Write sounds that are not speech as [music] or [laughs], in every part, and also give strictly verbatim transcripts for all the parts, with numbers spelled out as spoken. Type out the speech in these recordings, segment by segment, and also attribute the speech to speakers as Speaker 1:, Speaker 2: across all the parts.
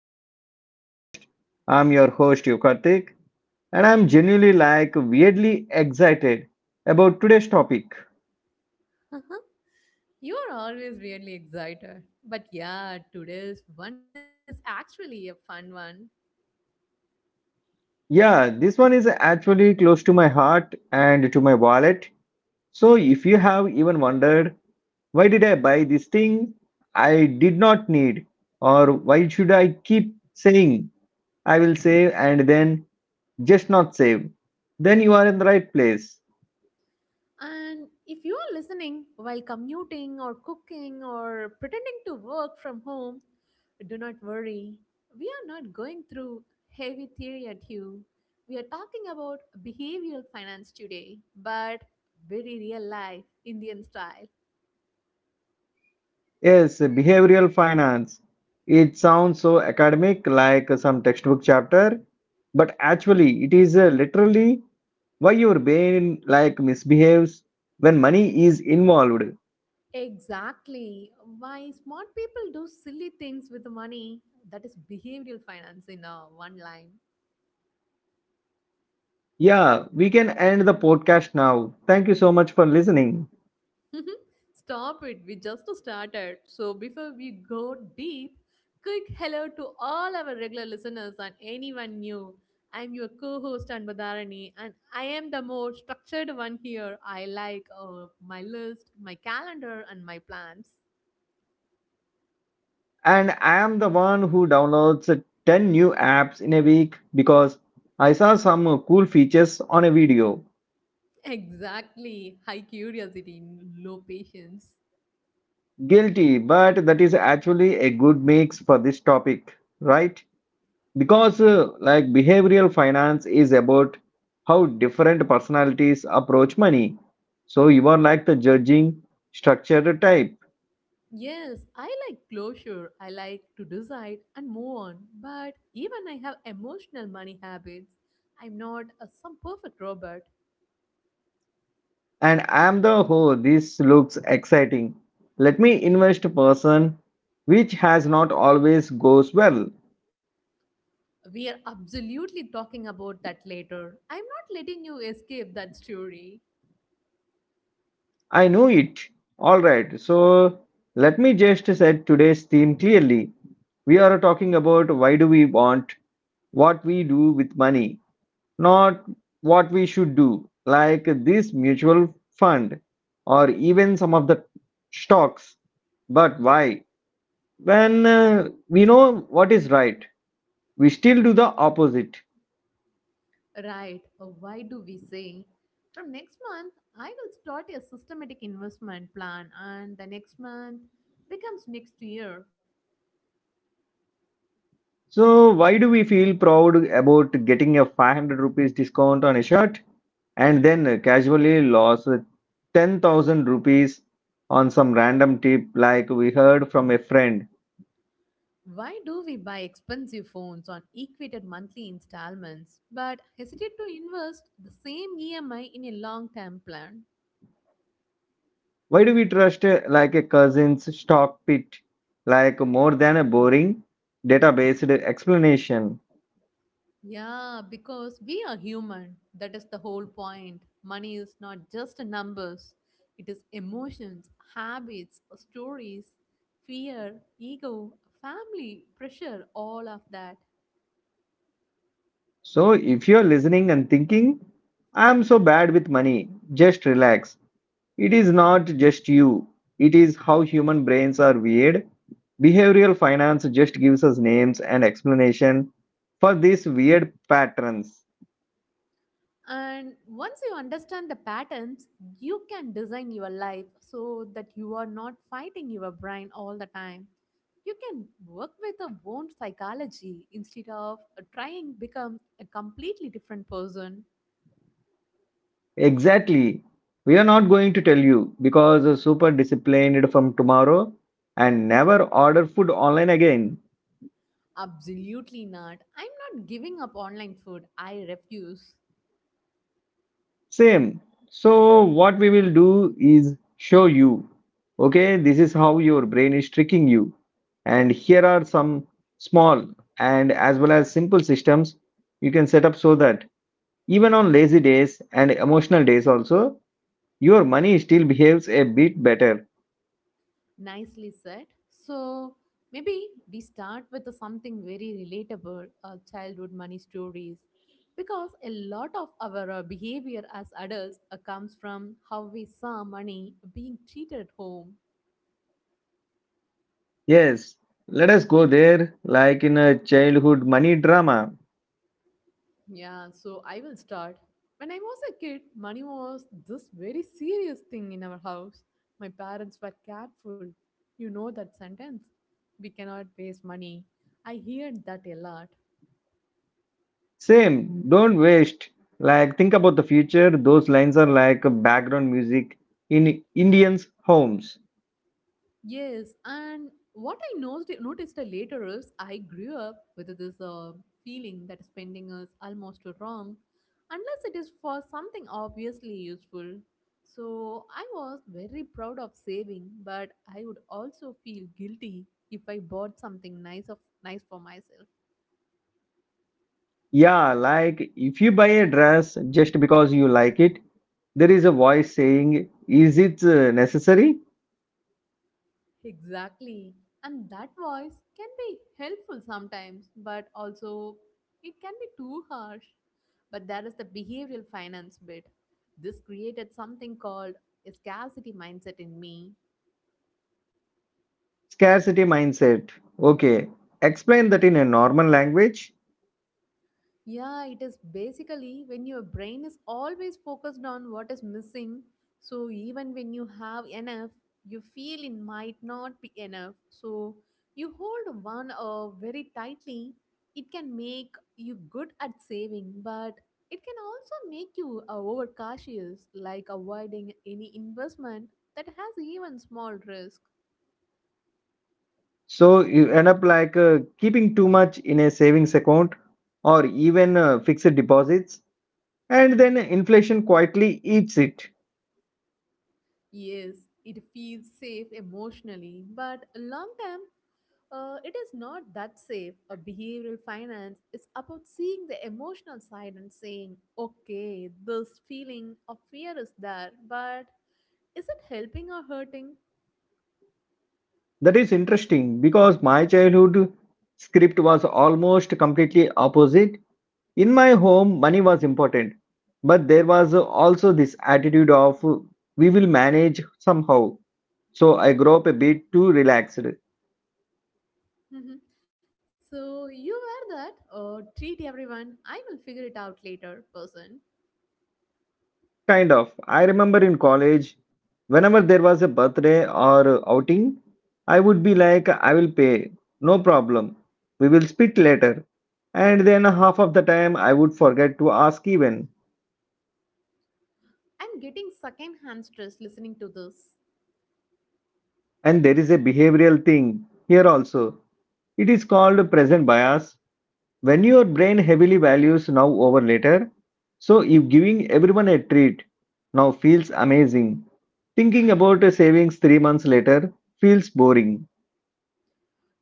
Speaker 1: Finance Podcast. I'm your host Yukartik and I'm genuinely like weirdly excited about today's topic.
Speaker 2: You are always really excited. But yeah, today's one is actually a fun one.
Speaker 1: Yeah, this one is actually close to my heart and to my wallet. So if you have even wondered why did I buy this thing I did not need, or why should I keep saying I will save and then just not save, then you are in the right place.
Speaker 2: And if you are listening while commuting or cooking or pretending to work from home, do not worry. We are not going through heavy theory at you. We are talking about behavioral finance today, but very real life, Indian style.
Speaker 1: Yes, behavioral finance. It sounds so academic, like some textbook chapter, but actually, it is uh, literally why your brain like misbehaves when money is involved.
Speaker 2: Exactly. Why smart people do silly things with money? That is behavioral finance in uh, one line.
Speaker 1: Yeah, we can end the podcast now. Thank you so much for listening.
Speaker 2: [laughs] Stop it. We just started. So before we go deep, quick hello to all our regular listeners and anyone new. I'm your co-host Anbadharani, and I am the more structured one here. I like uh, my list, my calendar, and my plans.
Speaker 1: And I am the one who downloads uh, ten new apps in a week because I saw some uh, cool features on a video.
Speaker 2: [laughs] Exactly. High curiosity, low patience.
Speaker 1: Guilty, but that is actually a good mix for this topic, right? Because uh, like behavioral finance is about how different personalities approach money, so you are like the judging, structured type,
Speaker 2: Yes, I like closure. I like to decide and move on. But even I have emotional money habits. I'm not a, some perfect robot.
Speaker 1: and I'm the, oh, this looks exciting, let me invest person, which has not always goes well.
Speaker 2: We are absolutely talking about that later. I'm not letting you escape that story.
Speaker 1: I know it. All right, so let me just set today's theme clearly. We are talking about why do we want what we do with money, not what we should do, like this mutual fund or even some of the stocks. But why? When uh, we know what is right, we still do the opposite.
Speaker 2: Right, uh, why do we say? From next month, I will start a systematic investment plan, and the next month becomes next year.
Speaker 1: So, why do we feel proud about getting a five hundred rupees discount on a shirt and then casually lost ten thousand rupees on some random tip like we heard from a friend?
Speaker 2: Why do we buy expensive phones on equated monthly installments but hesitate to invest the same E M I in a long term plan?
Speaker 1: Why do we trust uh, like a cousin's stock pit like more than a boring, data-based explanation?
Speaker 2: Yeah, because we are human. That is the whole point. Money is not just numbers, it is emotions, habits, stories, fear, ego, family, pressure, all of that.
Speaker 1: So if you're listening and thinking, I'm so bad with money, just relax. It is not just you. It is how human brains are weird. Behavioral finance just gives us names and explanation for these weird patterns.
Speaker 2: And once you understand the patterns, you can design your life so that you are not fighting your brain all the time. You can work with your own psychology instead of trying become a completely different person.
Speaker 1: Exactly. We are not going to tell you because you super disciplined from tomorrow and never order food online again.
Speaker 2: Absolutely not. I'm not giving up online food. I refuse.
Speaker 1: Same. So, what we will do is show you. Okay, this is how your brain is tricking you. And here are some small and as well as simple systems you can set up so that even on lazy days and emotional days, also, your money still behaves a bit better.
Speaker 2: Nicely said. So maybe we start with something very relatable uh, childhood money stories. Because a lot of our uh, behavior as adults uh, comes from how we saw money being treated at home.
Speaker 1: Yes, let us go there like in a childhood money drama.
Speaker 2: Yeah, so I will start. When I was a kid, money was this very serious thing in our house. My parents were careful. You know that sentence. We cannot waste money. I heard that a lot.
Speaker 1: Same, don't waste. Like, think about the future. Those lines are like background music in Indians' homes.
Speaker 2: Yes, and what I noticed, noticed later is I grew up with this uh, feeling that spending is almost wrong unless it is for something obviously useful. So I was very proud of saving, but I would also feel guilty if I bought something nice of nice for myself.
Speaker 1: Yeah, like if you buy a dress just because you like it, there is a voice saying, is it uh, necessary?
Speaker 2: Exactly. And that voice can be helpful sometimes, but also it can be too harsh. But there is the behavioral finance bit. This created something called a scarcity mindset in me.
Speaker 1: Scarcity mindset. Okay, explain that in a normal language.
Speaker 2: Yeah, it is basically when your brain is always focused on what is missing. So even when you have enough, you feel it might not be enough. So you hold one uh, very tightly. It can make you good at saving, but it can also make you uh, overcautious, like avoiding any investment that has even small risk.
Speaker 1: So you end up like uh, keeping too much in a savings account or even uh, fixed deposits, and then inflation quietly eats it.
Speaker 2: Yes, it feels safe emotionally, but long term, Uh, it is not that safe. A behavioral finance is about seeing the emotional side and saying, okay, this feeling of fear is there, but is it helping or hurting?
Speaker 1: That is interesting because my childhood script was almost completely opposite. In my home, money was important, but there was also this attitude of, uh, we will manage somehow. So I grew up a bit too relaxed.
Speaker 2: Mhm. so you wear that or treat everyone. I will figure it out later, person.
Speaker 1: Kind of. I remember in college, whenever there was a birthday or outing, I would be like, I will pay, no problem. We will split later. And then half of the time, I would forget to ask even.
Speaker 2: I'm getting second hand stress listening to this.
Speaker 1: And there is a behavioral thing here also. It is called present bias. When your brain heavily values now over later, so if giving everyone a treat now feels amazing, thinking about a savings three months later feels boring.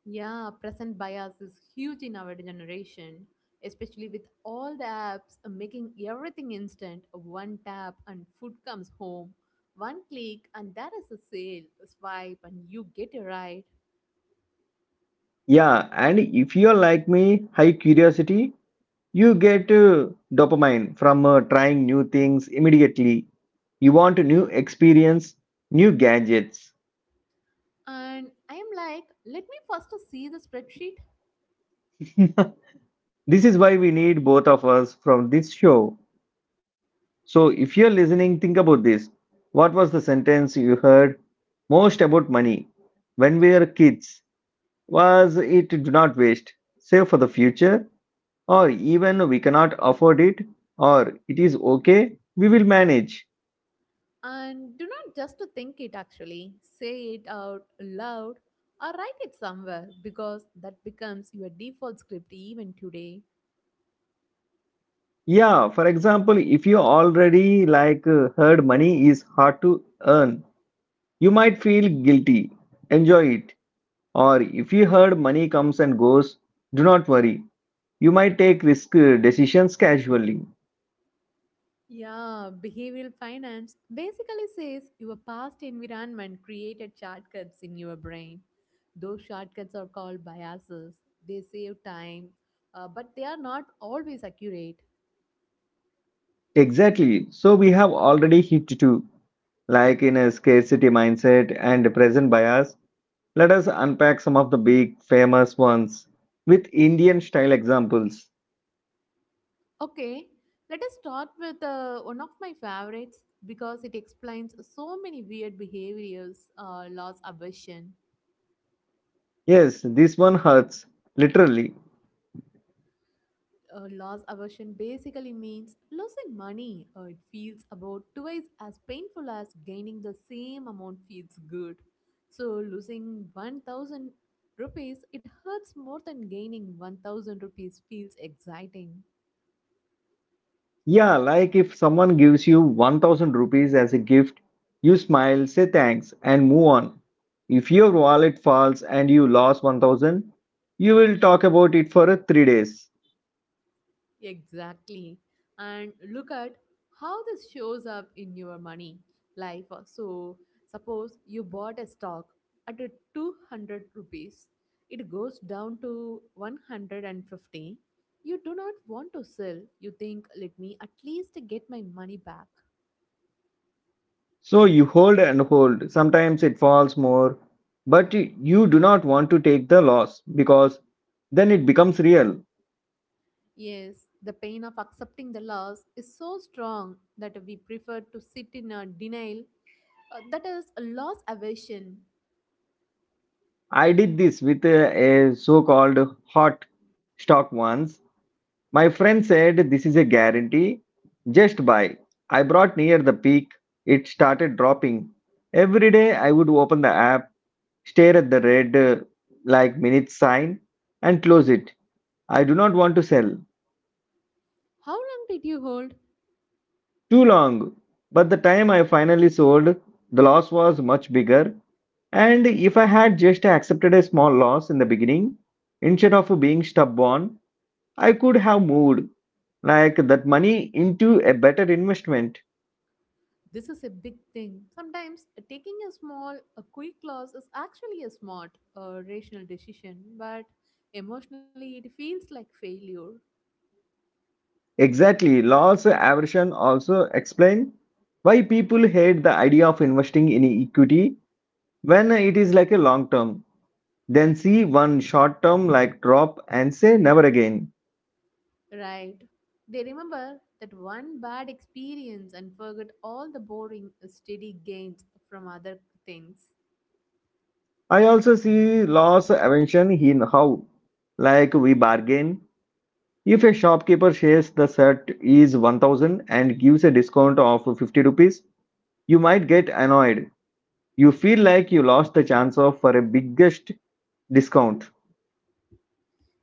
Speaker 2: Yeah, present bias is huge in our generation, especially with all the apps uh, making everything instant. One tap and food comes home, one click, and that is a sale. Swipe and you get it right.
Speaker 1: Yeah, and if you're like me, high curiosity, you get uh, dopamine from uh, trying new things immediately. You want new experience, new gadgets. [laughs]
Speaker 2: And I am like, let me first to see the spreadsheet
Speaker 1: This is why we need both of us from this show. So if you're listening, think about this. What was the sentence you heard most about money when we were kids? Was it, do not waste, save for the future? Or even, we cannot afford it, or it is okay, we will manage?
Speaker 2: and do not just to think it actually, say it out loud or write it somewhere because that becomes your default script even today.
Speaker 1: Yeah, for example, if you already like uh, heard money is hard to earn, you might feel guilty enjoy it. Or if you heard money comes and goes, do not worry, you might take risk uh, decisions casually.
Speaker 2: Yeah, behavioral finance basically says your past environment created shortcuts in your brain. Those shortcuts are called biases. They save time, uh, but they are not always accurate.
Speaker 1: Exactly, so we have already hit two, like in a scarcity mindset and present bias. Let us unpack some of the big famous ones with Indian style examples.
Speaker 2: Okay, let us start with uh, one of my favorites because it explains so many weird behaviors, uh, loss aversion.
Speaker 1: Yes, this one hurts, literally.
Speaker 2: Uh, loss aversion basically means losing money. Uh, it feels about twice as painful as gaining the same amount feels good. So losing one thousand rupees, it hurts more than gaining one thousand rupees feels exciting.
Speaker 1: Yeah, like if someone gives you one thousand rupees as a gift, you smile, say thanks, and move on. If your wallet falls and you lost one thousand, you will talk about it for uh, three days.
Speaker 2: Exactly. And look at how this shows up in your money life. Uh, So, suppose you bought a stock at a two hundred rupees, it goes down to one hundred fifty. You do not want to sell. You think, let me at least get my money back.
Speaker 1: So you hold and hold. Sometimes it falls more, but you you do not want to take the loss because then it becomes real.
Speaker 2: Yes, the pain of accepting the loss is so strong that we prefer to sit in a denial. Uh, that is a loss aversion.
Speaker 1: I did this with a, a so called hot stock once. My friend said, this is a guarantee. Just buy. I brought near the peak. It started dropping. Every day I would open the app, stare at the red uh, like minute sign, and close it. I do not want to sell.
Speaker 2: How long did you hold?
Speaker 1: Too long. But the time I finally sold, the loss was much bigger. And if I had just accepted a small loss in the beginning, instead of being stubborn, I could have moved like that money into a better investment.
Speaker 2: This is a big thing. Sometimes uh, taking a small, a quick loss is actually a smart, uh, rational decision, but emotionally it feels like failure,
Speaker 1: Exactly. Loss aversion also explain why people hate the idea of investing in equity when it is like a long term. Then see one short term like drop and say never again.
Speaker 2: right? They remember that one bad experience and forget all the boring, uh, steady gains from other things.
Speaker 1: I also see loss aversion in how like we bargain. If a shopkeeper says the shirt is one thousand and gives a discount of fifty rupees, you might get annoyed, you feel like you lost the chance of for a biggest discount.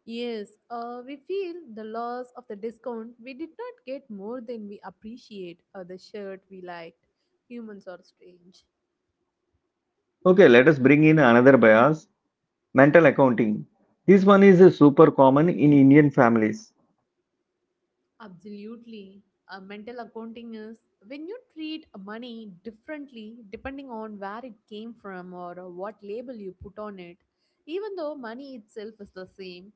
Speaker 2: Yes, uh, we feel the loss of the discount. We did not get more than we appreciate, or the shirt we liked. Humans are strange.
Speaker 1: Okay, let us bring in another bias, mental accounting. This one is uh, super common in Indian families.
Speaker 2: Absolutely. Uh, mental accounting is when you treat money differently depending on where it came from or uh, what label you put on it, even though money itself is the same.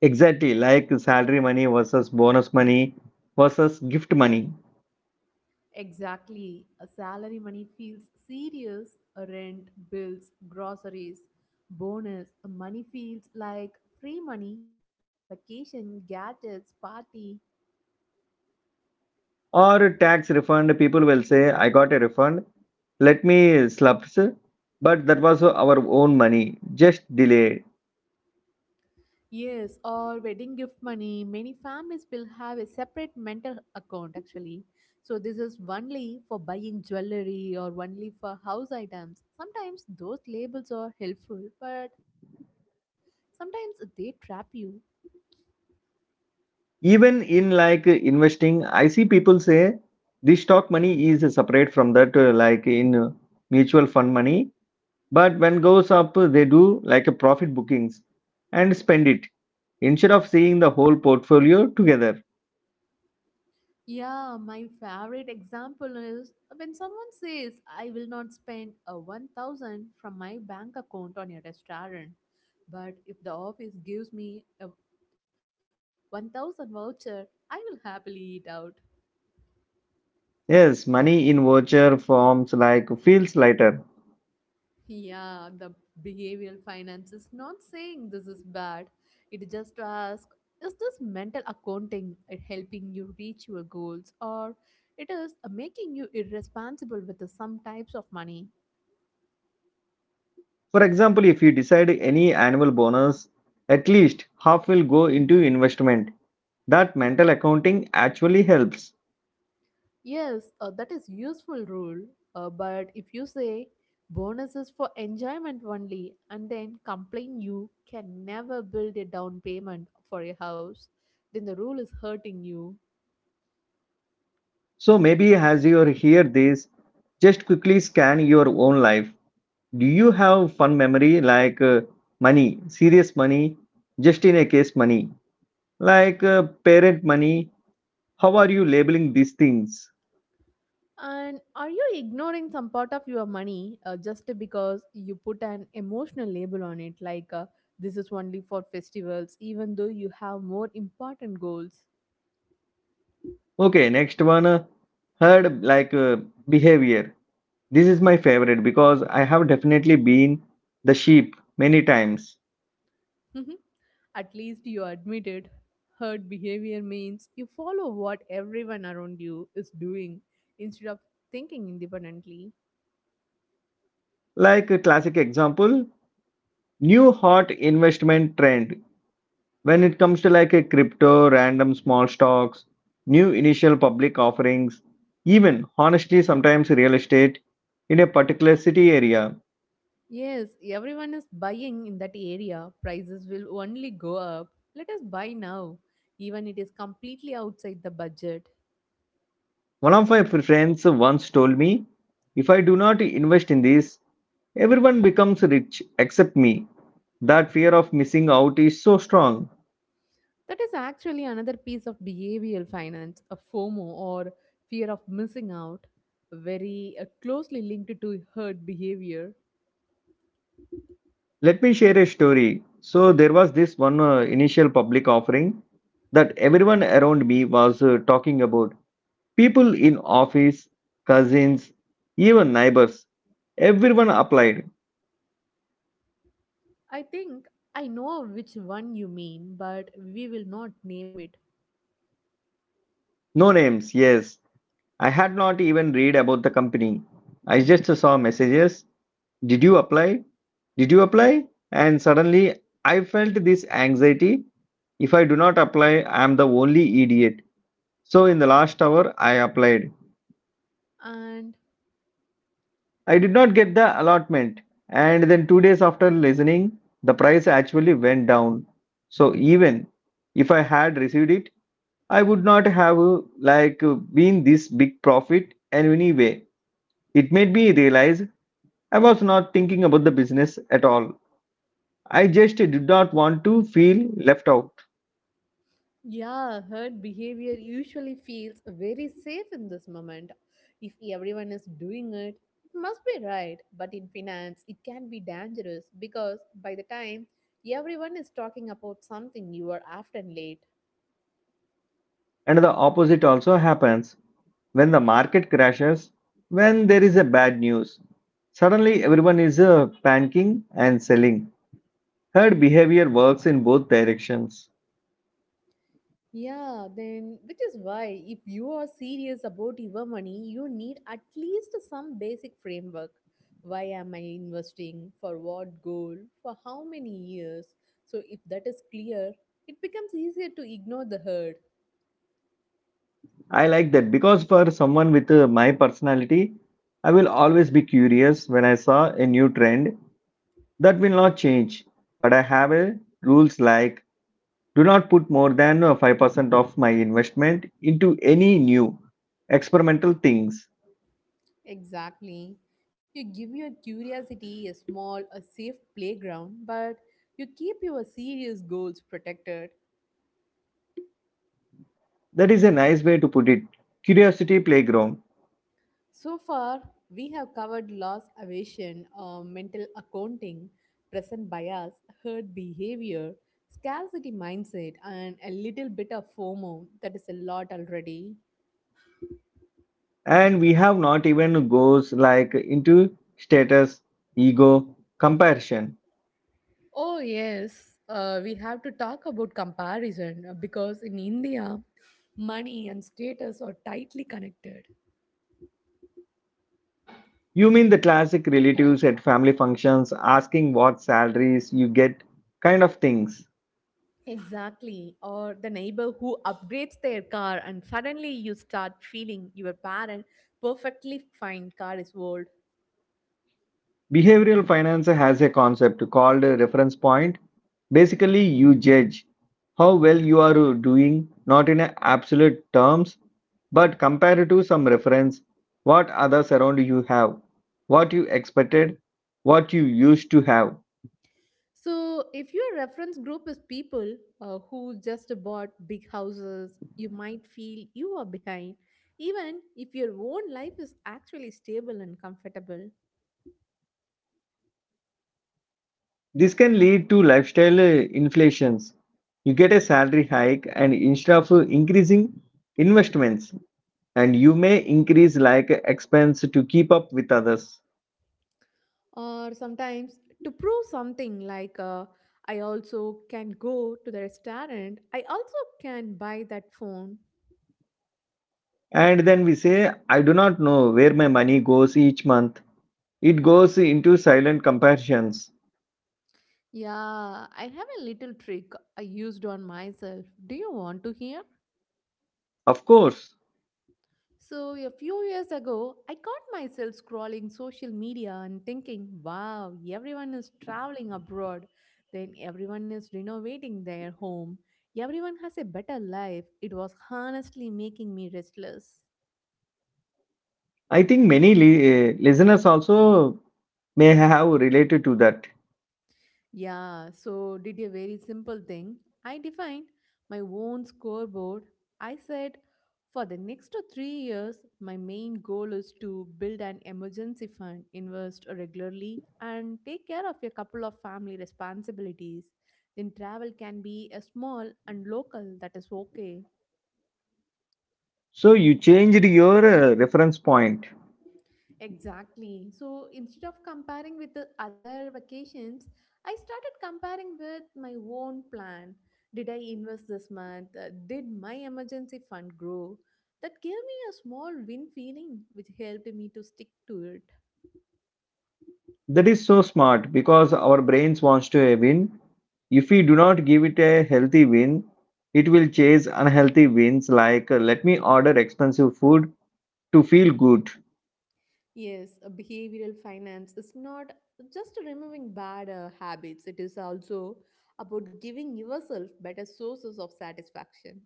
Speaker 1: Exactly, like salary money versus bonus money versus gift money.
Speaker 2: Exactly. A salary money feels serious, a rent, bills, groceries, bonus. A money feels like free money, vacation, gadgets, party.
Speaker 1: Or tax refund, people will say I got a refund, let me slap. But that was our own money, just delay.
Speaker 2: Yes, or wedding gift money. Many families will have a separate mental account actually. So this is only for buying jewelry or only for house items. Sometimes those labels are helpful, but sometimes they trap you.
Speaker 1: Even in like investing, I see people say this stock money is separate from that, uh, like in uh, mutual fund money. But when goes up, they do like a profit bookings and spend it instead of seeing the whole portfolio together.
Speaker 2: Yeah, my favorite example is when someone says, I will not spend a one thousand from my bank account on a restaurant, but if the office gives me a one thousand voucher, I will happily eat out.
Speaker 1: Yes, money in voucher forms like feels lighter.
Speaker 2: Yeah, the behavioral finance is not saying this is bad. It just asks, is this mental accounting uh, helping you reach your goals or it is uh, making you irresponsible with uh, some types of money?
Speaker 1: For example, if you decide any annual bonus, at least half will go into investment. That mental accounting actually helps.
Speaker 2: Yes, uh, that is useful rule. Uh, but if you say bonuses for enjoyment only and then complain you can never build a down payment for a house, then the rule is hurting you.
Speaker 1: So maybe as you hear this, just quickly scan your own life. Do you have fun memory like, uh, money, serious money, just in a case money, like uh, parent money? How are you labeling these things?
Speaker 2: And are you ignoring some part of your money uh, just because you put an emotional label on it, like uh, this is only for festivals, even though you have more important goals?
Speaker 1: Okay, next one. Uh, heard like uh, behavior. This is my favorite because I have definitely been the sheep many times.
Speaker 2: Mhm. At least you admitted. Herd behavior means you follow what everyone around you is doing instead of thinking independently.
Speaker 1: Like a classic example, new hot investment trend. When it comes to like a crypto, random small stocks, new initial public offerings, even honestly sometimes real estate in a particular city area.
Speaker 2: Yes, everyone is buying in that area. Prices will only go up. Let us buy now, even it is completely outside the budget.
Speaker 1: One of my friends once told me, if I do not invest in this, everyone becomes rich except me. That fear of missing out is so strong.
Speaker 2: That is actually another piece of behavioral finance, a FOMO or fear of missing out, very uh, closely linked to herd behavior.
Speaker 1: Let me share a story. So there was this one uh, initial public offering that everyone around me was uh, talking about. People in office, cousins, even neighbors, everyone applied.
Speaker 2: I think I know which one you mean, but we will not name it.
Speaker 1: No names, yes. I had not even read about the company. I just saw messages. Did you apply? Did you apply? And suddenly I felt this anxiety. If I do not apply, I am the only idiot. So in the last hour, I applied.
Speaker 2: And
Speaker 1: I did not get the allotment. And then two days after listening, the price actually went down. So even if I had received it, I would not have uh, like uh, been this big profit and anyway. It made me realize I was not thinking about the business at all. I just did not want to feel left out.
Speaker 2: yeah, herd behavior usually feels very safe in this moment. If everyone is doing it, it must be right. But in finance, it can be dangerous because by the time everyone is talking about something, you are often late.
Speaker 1: And the opposite also happens when the market crashes, when there is a bad news. Suddenly everyone is uh, panicking and selling. Herd behavior works in both directions.
Speaker 2: Yeah, then which is why if you are serious about your money, you need at least some basic framework. Why am I investing? For what goal? For how many years? So if that is clear, it becomes easier to ignore the herd.
Speaker 1: I like that because for someone with uh, my personality, I will always be curious when I saw a new trend. That will not change. But I have a rules like do not put more than uh, five percent of my investment into any new experimental things.
Speaker 2: Exactly. You give your curiosity a small, a safe playground, but you keep your serious goals protected.
Speaker 1: That is a nice way to put it. Curiosity playground.
Speaker 2: So far, we have covered loss aversion, uh, mental accounting, present bias, herd behavior, scarcity mindset, and a little bit of FOMO. That is a lot already.
Speaker 1: And we have not even goes like into status, ego, comparison.
Speaker 2: Oh, yes, uh, we have to talk about comparison uh, because in India, money and status are tightly connected.
Speaker 1: You mean the classic relatives at family functions asking what salaries you get kind of things.
Speaker 2: Exactly. Or the neighbor who upgrades their car, and suddenly you start feeling your parent perfectly fine car is old.
Speaker 1: Behavioral finance has a concept called a reference point. Basically, you judge how well you are doing, not in a absolute terms, but compared to some reference, what others around you have, what you expected, what you used to have.
Speaker 2: So, if your reference group is people uh, who just bought big houses, you might feel you are behind, even if your own life is actually stable and comfortable.
Speaker 1: This can lead to lifestyle uh, inflations. You get a salary hike, and instead of uh, increasing investments, and you may increase like expense to keep up with others.
Speaker 2: Or sometimes to prove something like, uh, I also can go to the restaurant, I also can buy that phone.
Speaker 1: And then we say, I do not know where my money goes each month. It goes into silent comparisons.
Speaker 2: Yeah, I have a little trick I used on myself. Do you want to hear?
Speaker 1: Of course,
Speaker 2: So, a few years ago, I caught myself scrolling social media and thinking, wow, everyone is traveling abroad. Then everyone is renovating their home. Everyone has a better life. It was honestly making me restless.
Speaker 1: I think many li- eh, listeners also may have related to that.
Speaker 2: Yeah, so did a very simple thing. I defined my own scoreboard. I said, for the next uh, three years, my main goal is to build an emergency fund, invest regularly, and take care of a couple of family responsibilities. Then travel can be a small and local, that is okay.
Speaker 1: So you changed your uh, reference point.
Speaker 2: Exactly. So instead of comparing with the other vacations, I started comparing with my own plan. Did I invest this month? Uh, Did my emergency fund grow? That gave me a small win feeling, which helped me to stick to it.
Speaker 1: That is so smart because our brains wants to uh, win. If we do not give it a healthy win, it will chase unhealthy wins like uh, let me order expensive food to feel good.
Speaker 2: Yes, a behavioral finance is not just removing bad uh, habits, it is also about giving yourself better sources of satisfaction.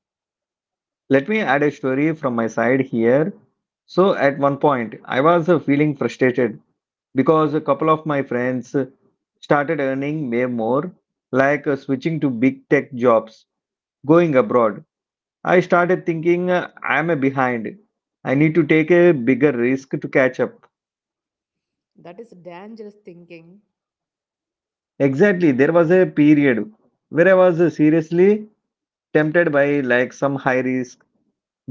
Speaker 1: Let me add a story from my side here. So, at one point, I was uh, feeling frustrated because a couple of my friends uh, started earning way more, like uh, switching to big tech jobs, going abroad. I started thinking uh, I'm behind. I need to take a bigger risk to catch up.
Speaker 2: That is dangerous thinking.
Speaker 1: Exactly, there was a period where I was uh, seriously tempted by like some high risk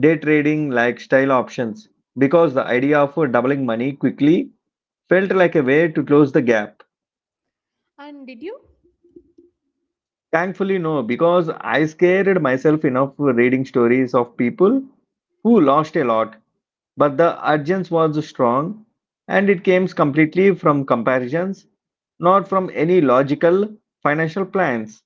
Speaker 1: day trading like style options because the idea of uh, doubling money quickly felt like a way to close the gap.
Speaker 2: And did you?
Speaker 1: Thankfully, no, because I scared myself enough reading stories of people who lost a lot, but the urgence was strong and it came completely from comparisons, not from any logical financial plans.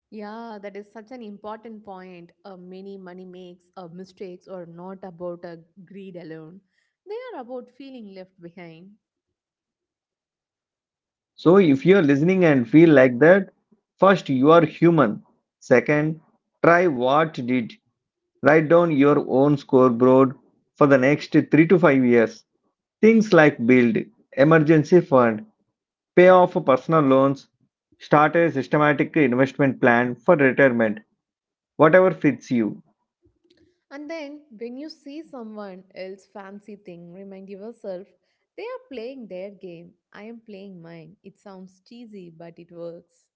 Speaker 2: Yeah, that is such an important point. Uh, many money makes uh, mistakes are not about uh, greed alone. They are about feeling left behind.
Speaker 1: So, if you're listening and feel like that, first, you are human. Second, try what did. Write down your own scoreboard for the next three to five years. Things like build, emergency fund, pay off personal loans, start a systematic investment plan for retirement, whatever fits you.
Speaker 2: And then when you see someone else fancy thing, remind yourself they are playing their game. I am playing mine. It sounds cheesy, but it works.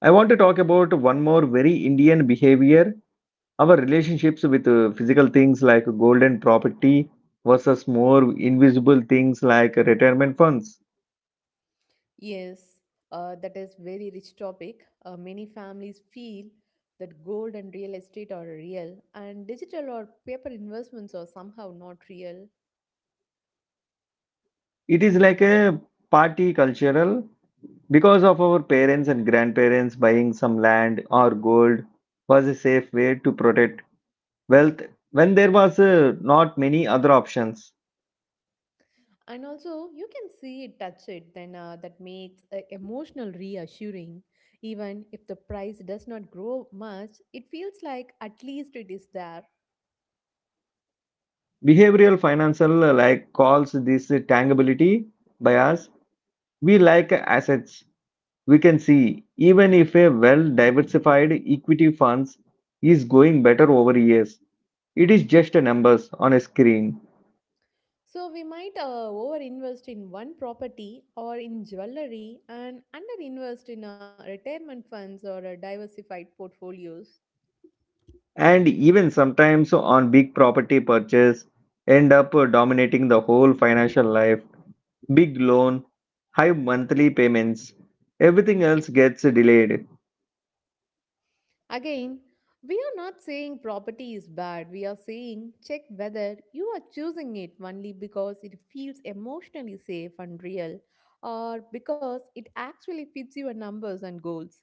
Speaker 1: I want to talk about one more very Indian behavior, our relationships with uh, physical things like gold and property versus more invisible things like retirement funds.
Speaker 2: Yes, uh, that is very rich topic. Uh, many families feel that gold and real estate are real, and digital or paper investments are somehow not real.
Speaker 1: It is like a party cultural. Because of our parents and grandparents, buying some land or gold was a safe way to protect wealth when there was uh, not many other options.
Speaker 2: And also you can see it touch it then uh, that makes uh, emotional reassuring, even if the price does not grow much, it feels like at least it is there.
Speaker 1: Behavioral financial uh, like calls this uh, tangibility bias. We like assets we can see, even if a well diversified equity funds is going better over years. It is just a numbers on a screen.
Speaker 2: So we might uh, overinvest in one property or in jewelry and underinvest in uh, retirement funds or uh, diversified portfolios.
Speaker 1: And even sometimes on big property purchase end up dominating the whole financial life, big loan, high monthly payments, everything else gets delayed.
Speaker 2: Again, we are not saying property is bad. We are saying check whether you are choosing it only because it feels emotionally safe and real, or because it actually fits your numbers and goals.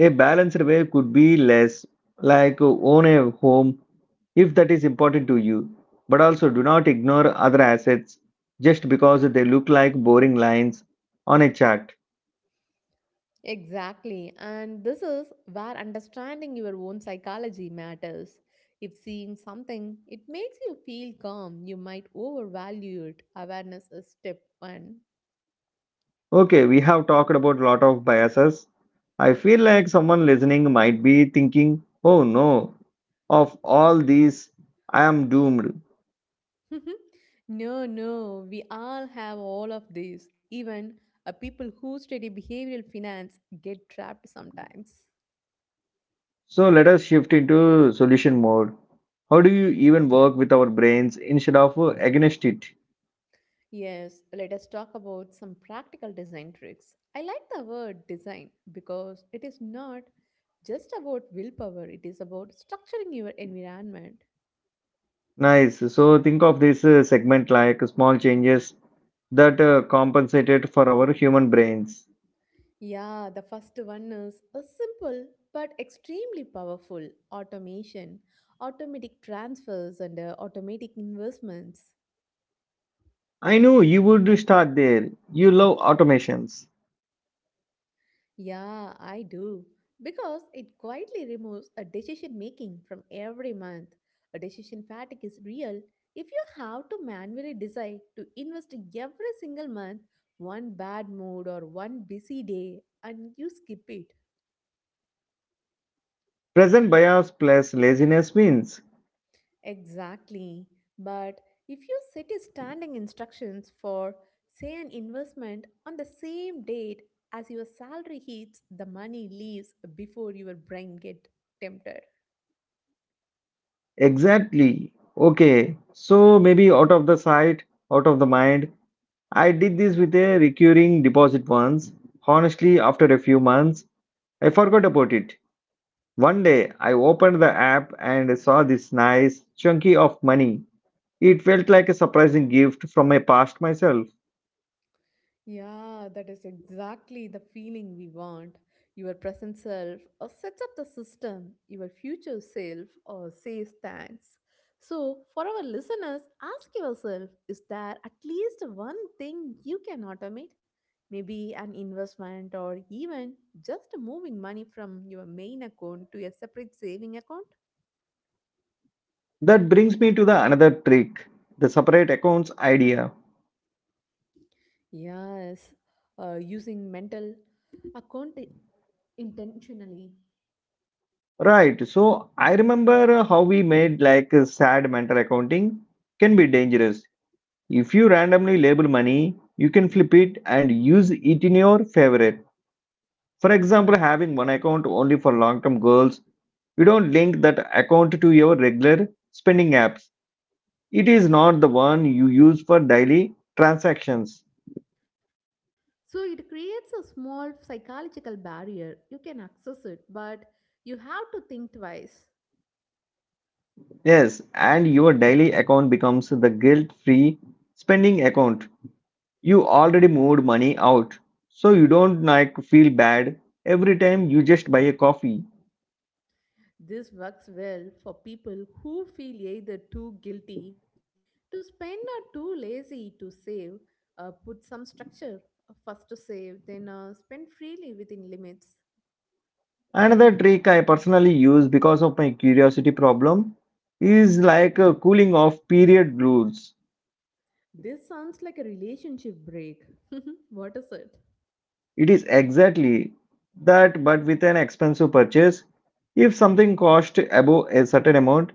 Speaker 1: A balanced way could be less, like own a home if that is important to you, but also do not ignore other assets just because they look like boring lines on a chart.
Speaker 2: Exactly. And this is where understanding your own psychology matters. If seeing something, it makes you feel calm, you might overvalue it. Awareness is step one.
Speaker 1: Okay, we have talked about a lot of biases. I feel like someone listening might be thinking, oh no, of all these, I am doomed.
Speaker 2: [laughs] No, no, we all have all of these. Even uh, people who study behavioral finance get trapped sometimes.
Speaker 1: So let us shift into solution mode. How do you even work with our brains instead of uh, against it?
Speaker 2: Yes, let us talk about some practical design tricks. I like the word design because it is not just about willpower, it is about structuring your environment.
Speaker 1: Nice. So think of this uh, segment like small changes that uh, compensated for our human brains.
Speaker 2: Yeah, the first one is a simple but extremely powerful automation, automatic transfers, and uh, automatic investments.
Speaker 1: I know you would start there. You love automations.
Speaker 2: Yeah, I do. Because it quietly removes a decision making from every month. A decision fatigue is real if you have to manually decide to invest every single month, one bad mood or one busy day and you skip it.
Speaker 1: Present bias plus laziness wins.
Speaker 2: Exactly. But if you set a standing instructions for, say, an investment on the same date as your salary hits, the money leaves before your brain get tempted.
Speaker 1: Exactly. Okay. So maybe out of the sight, out of the mind. I did this with a recurring deposit once. Honestly, after a few months, I forgot about it. One day, I opened the app and saw this nice chunky of money. It felt like a surprising gift from my past myself.
Speaker 2: Yeah, that is exactly the feeling we want. Your present self or sets up the system, your future self or says thanks. So, for our listeners, ask yourself, is there at least one thing you can automate? Maybe an investment or even just moving money from your main account to a separate saving account?
Speaker 1: That brings me to the another trick, the separate accounts idea.
Speaker 2: Yes, uh, using mental account intentionally.
Speaker 1: Right, so I remember uh, how we made like a sad mental accounting can be dangerous. If you randomly label money, you can flip it and use it in your favor. For example, having one account only for long term goals, you don't link that account to your regular spending apps. It is not the one you use for daily transactions.
Speaker 2: So it creates a small psychological barrier. You can access it, but you have to think twice.
Speaker 1: Yes, and your daily account becomes the guilt free spending account. You already moved money out, so you don't like feel bad every time you just buy a coffee.
Speaker 2: This works well for people who feel either too guilty to spend or too lazy to save. Uh, put some structure, uh, first to save, then uh, spend freely within limits.
Speaker 1: Another trick I personally use because of my curiosity problem is like a cooling off period rules.
Speaker 2: This sounds like a relationship break. [laughs] What is it?
Speaker 1: It is exactly that, but with an expensive purchase. If something cost above a certain amount,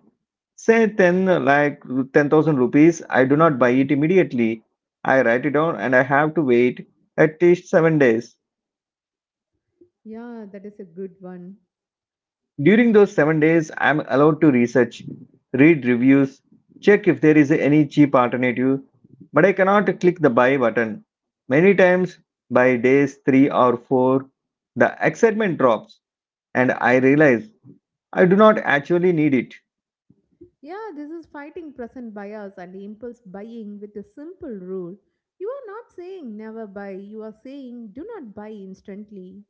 Speaker 1: say ten, like ten thousand rupees, I do not buy it immediately. I write it down and I have to wait at least seven days.
Speaker 2: Yeah, that is a good one.
Speaker 1: During those seven days, I'm allowed to research, read reviews, check if there is any cheap alternative, but I cannot click the buy button. Many times, by days three or four, the excitement drops and I realize I do not actually need it.
Speaker 2: Yeah, this is fighting present bias and impulse buying with a simple rule. You are not saying never buy, you are saying do not buy instantly.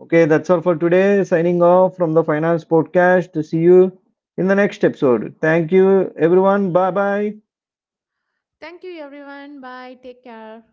Speaker 1: Okay, that's all for today. Signing off from the Finance Podcast. See you in the next episode. Thank you, everyone. Bye bye.
Speaker 2: Thank you, everyone. Bye. Take care.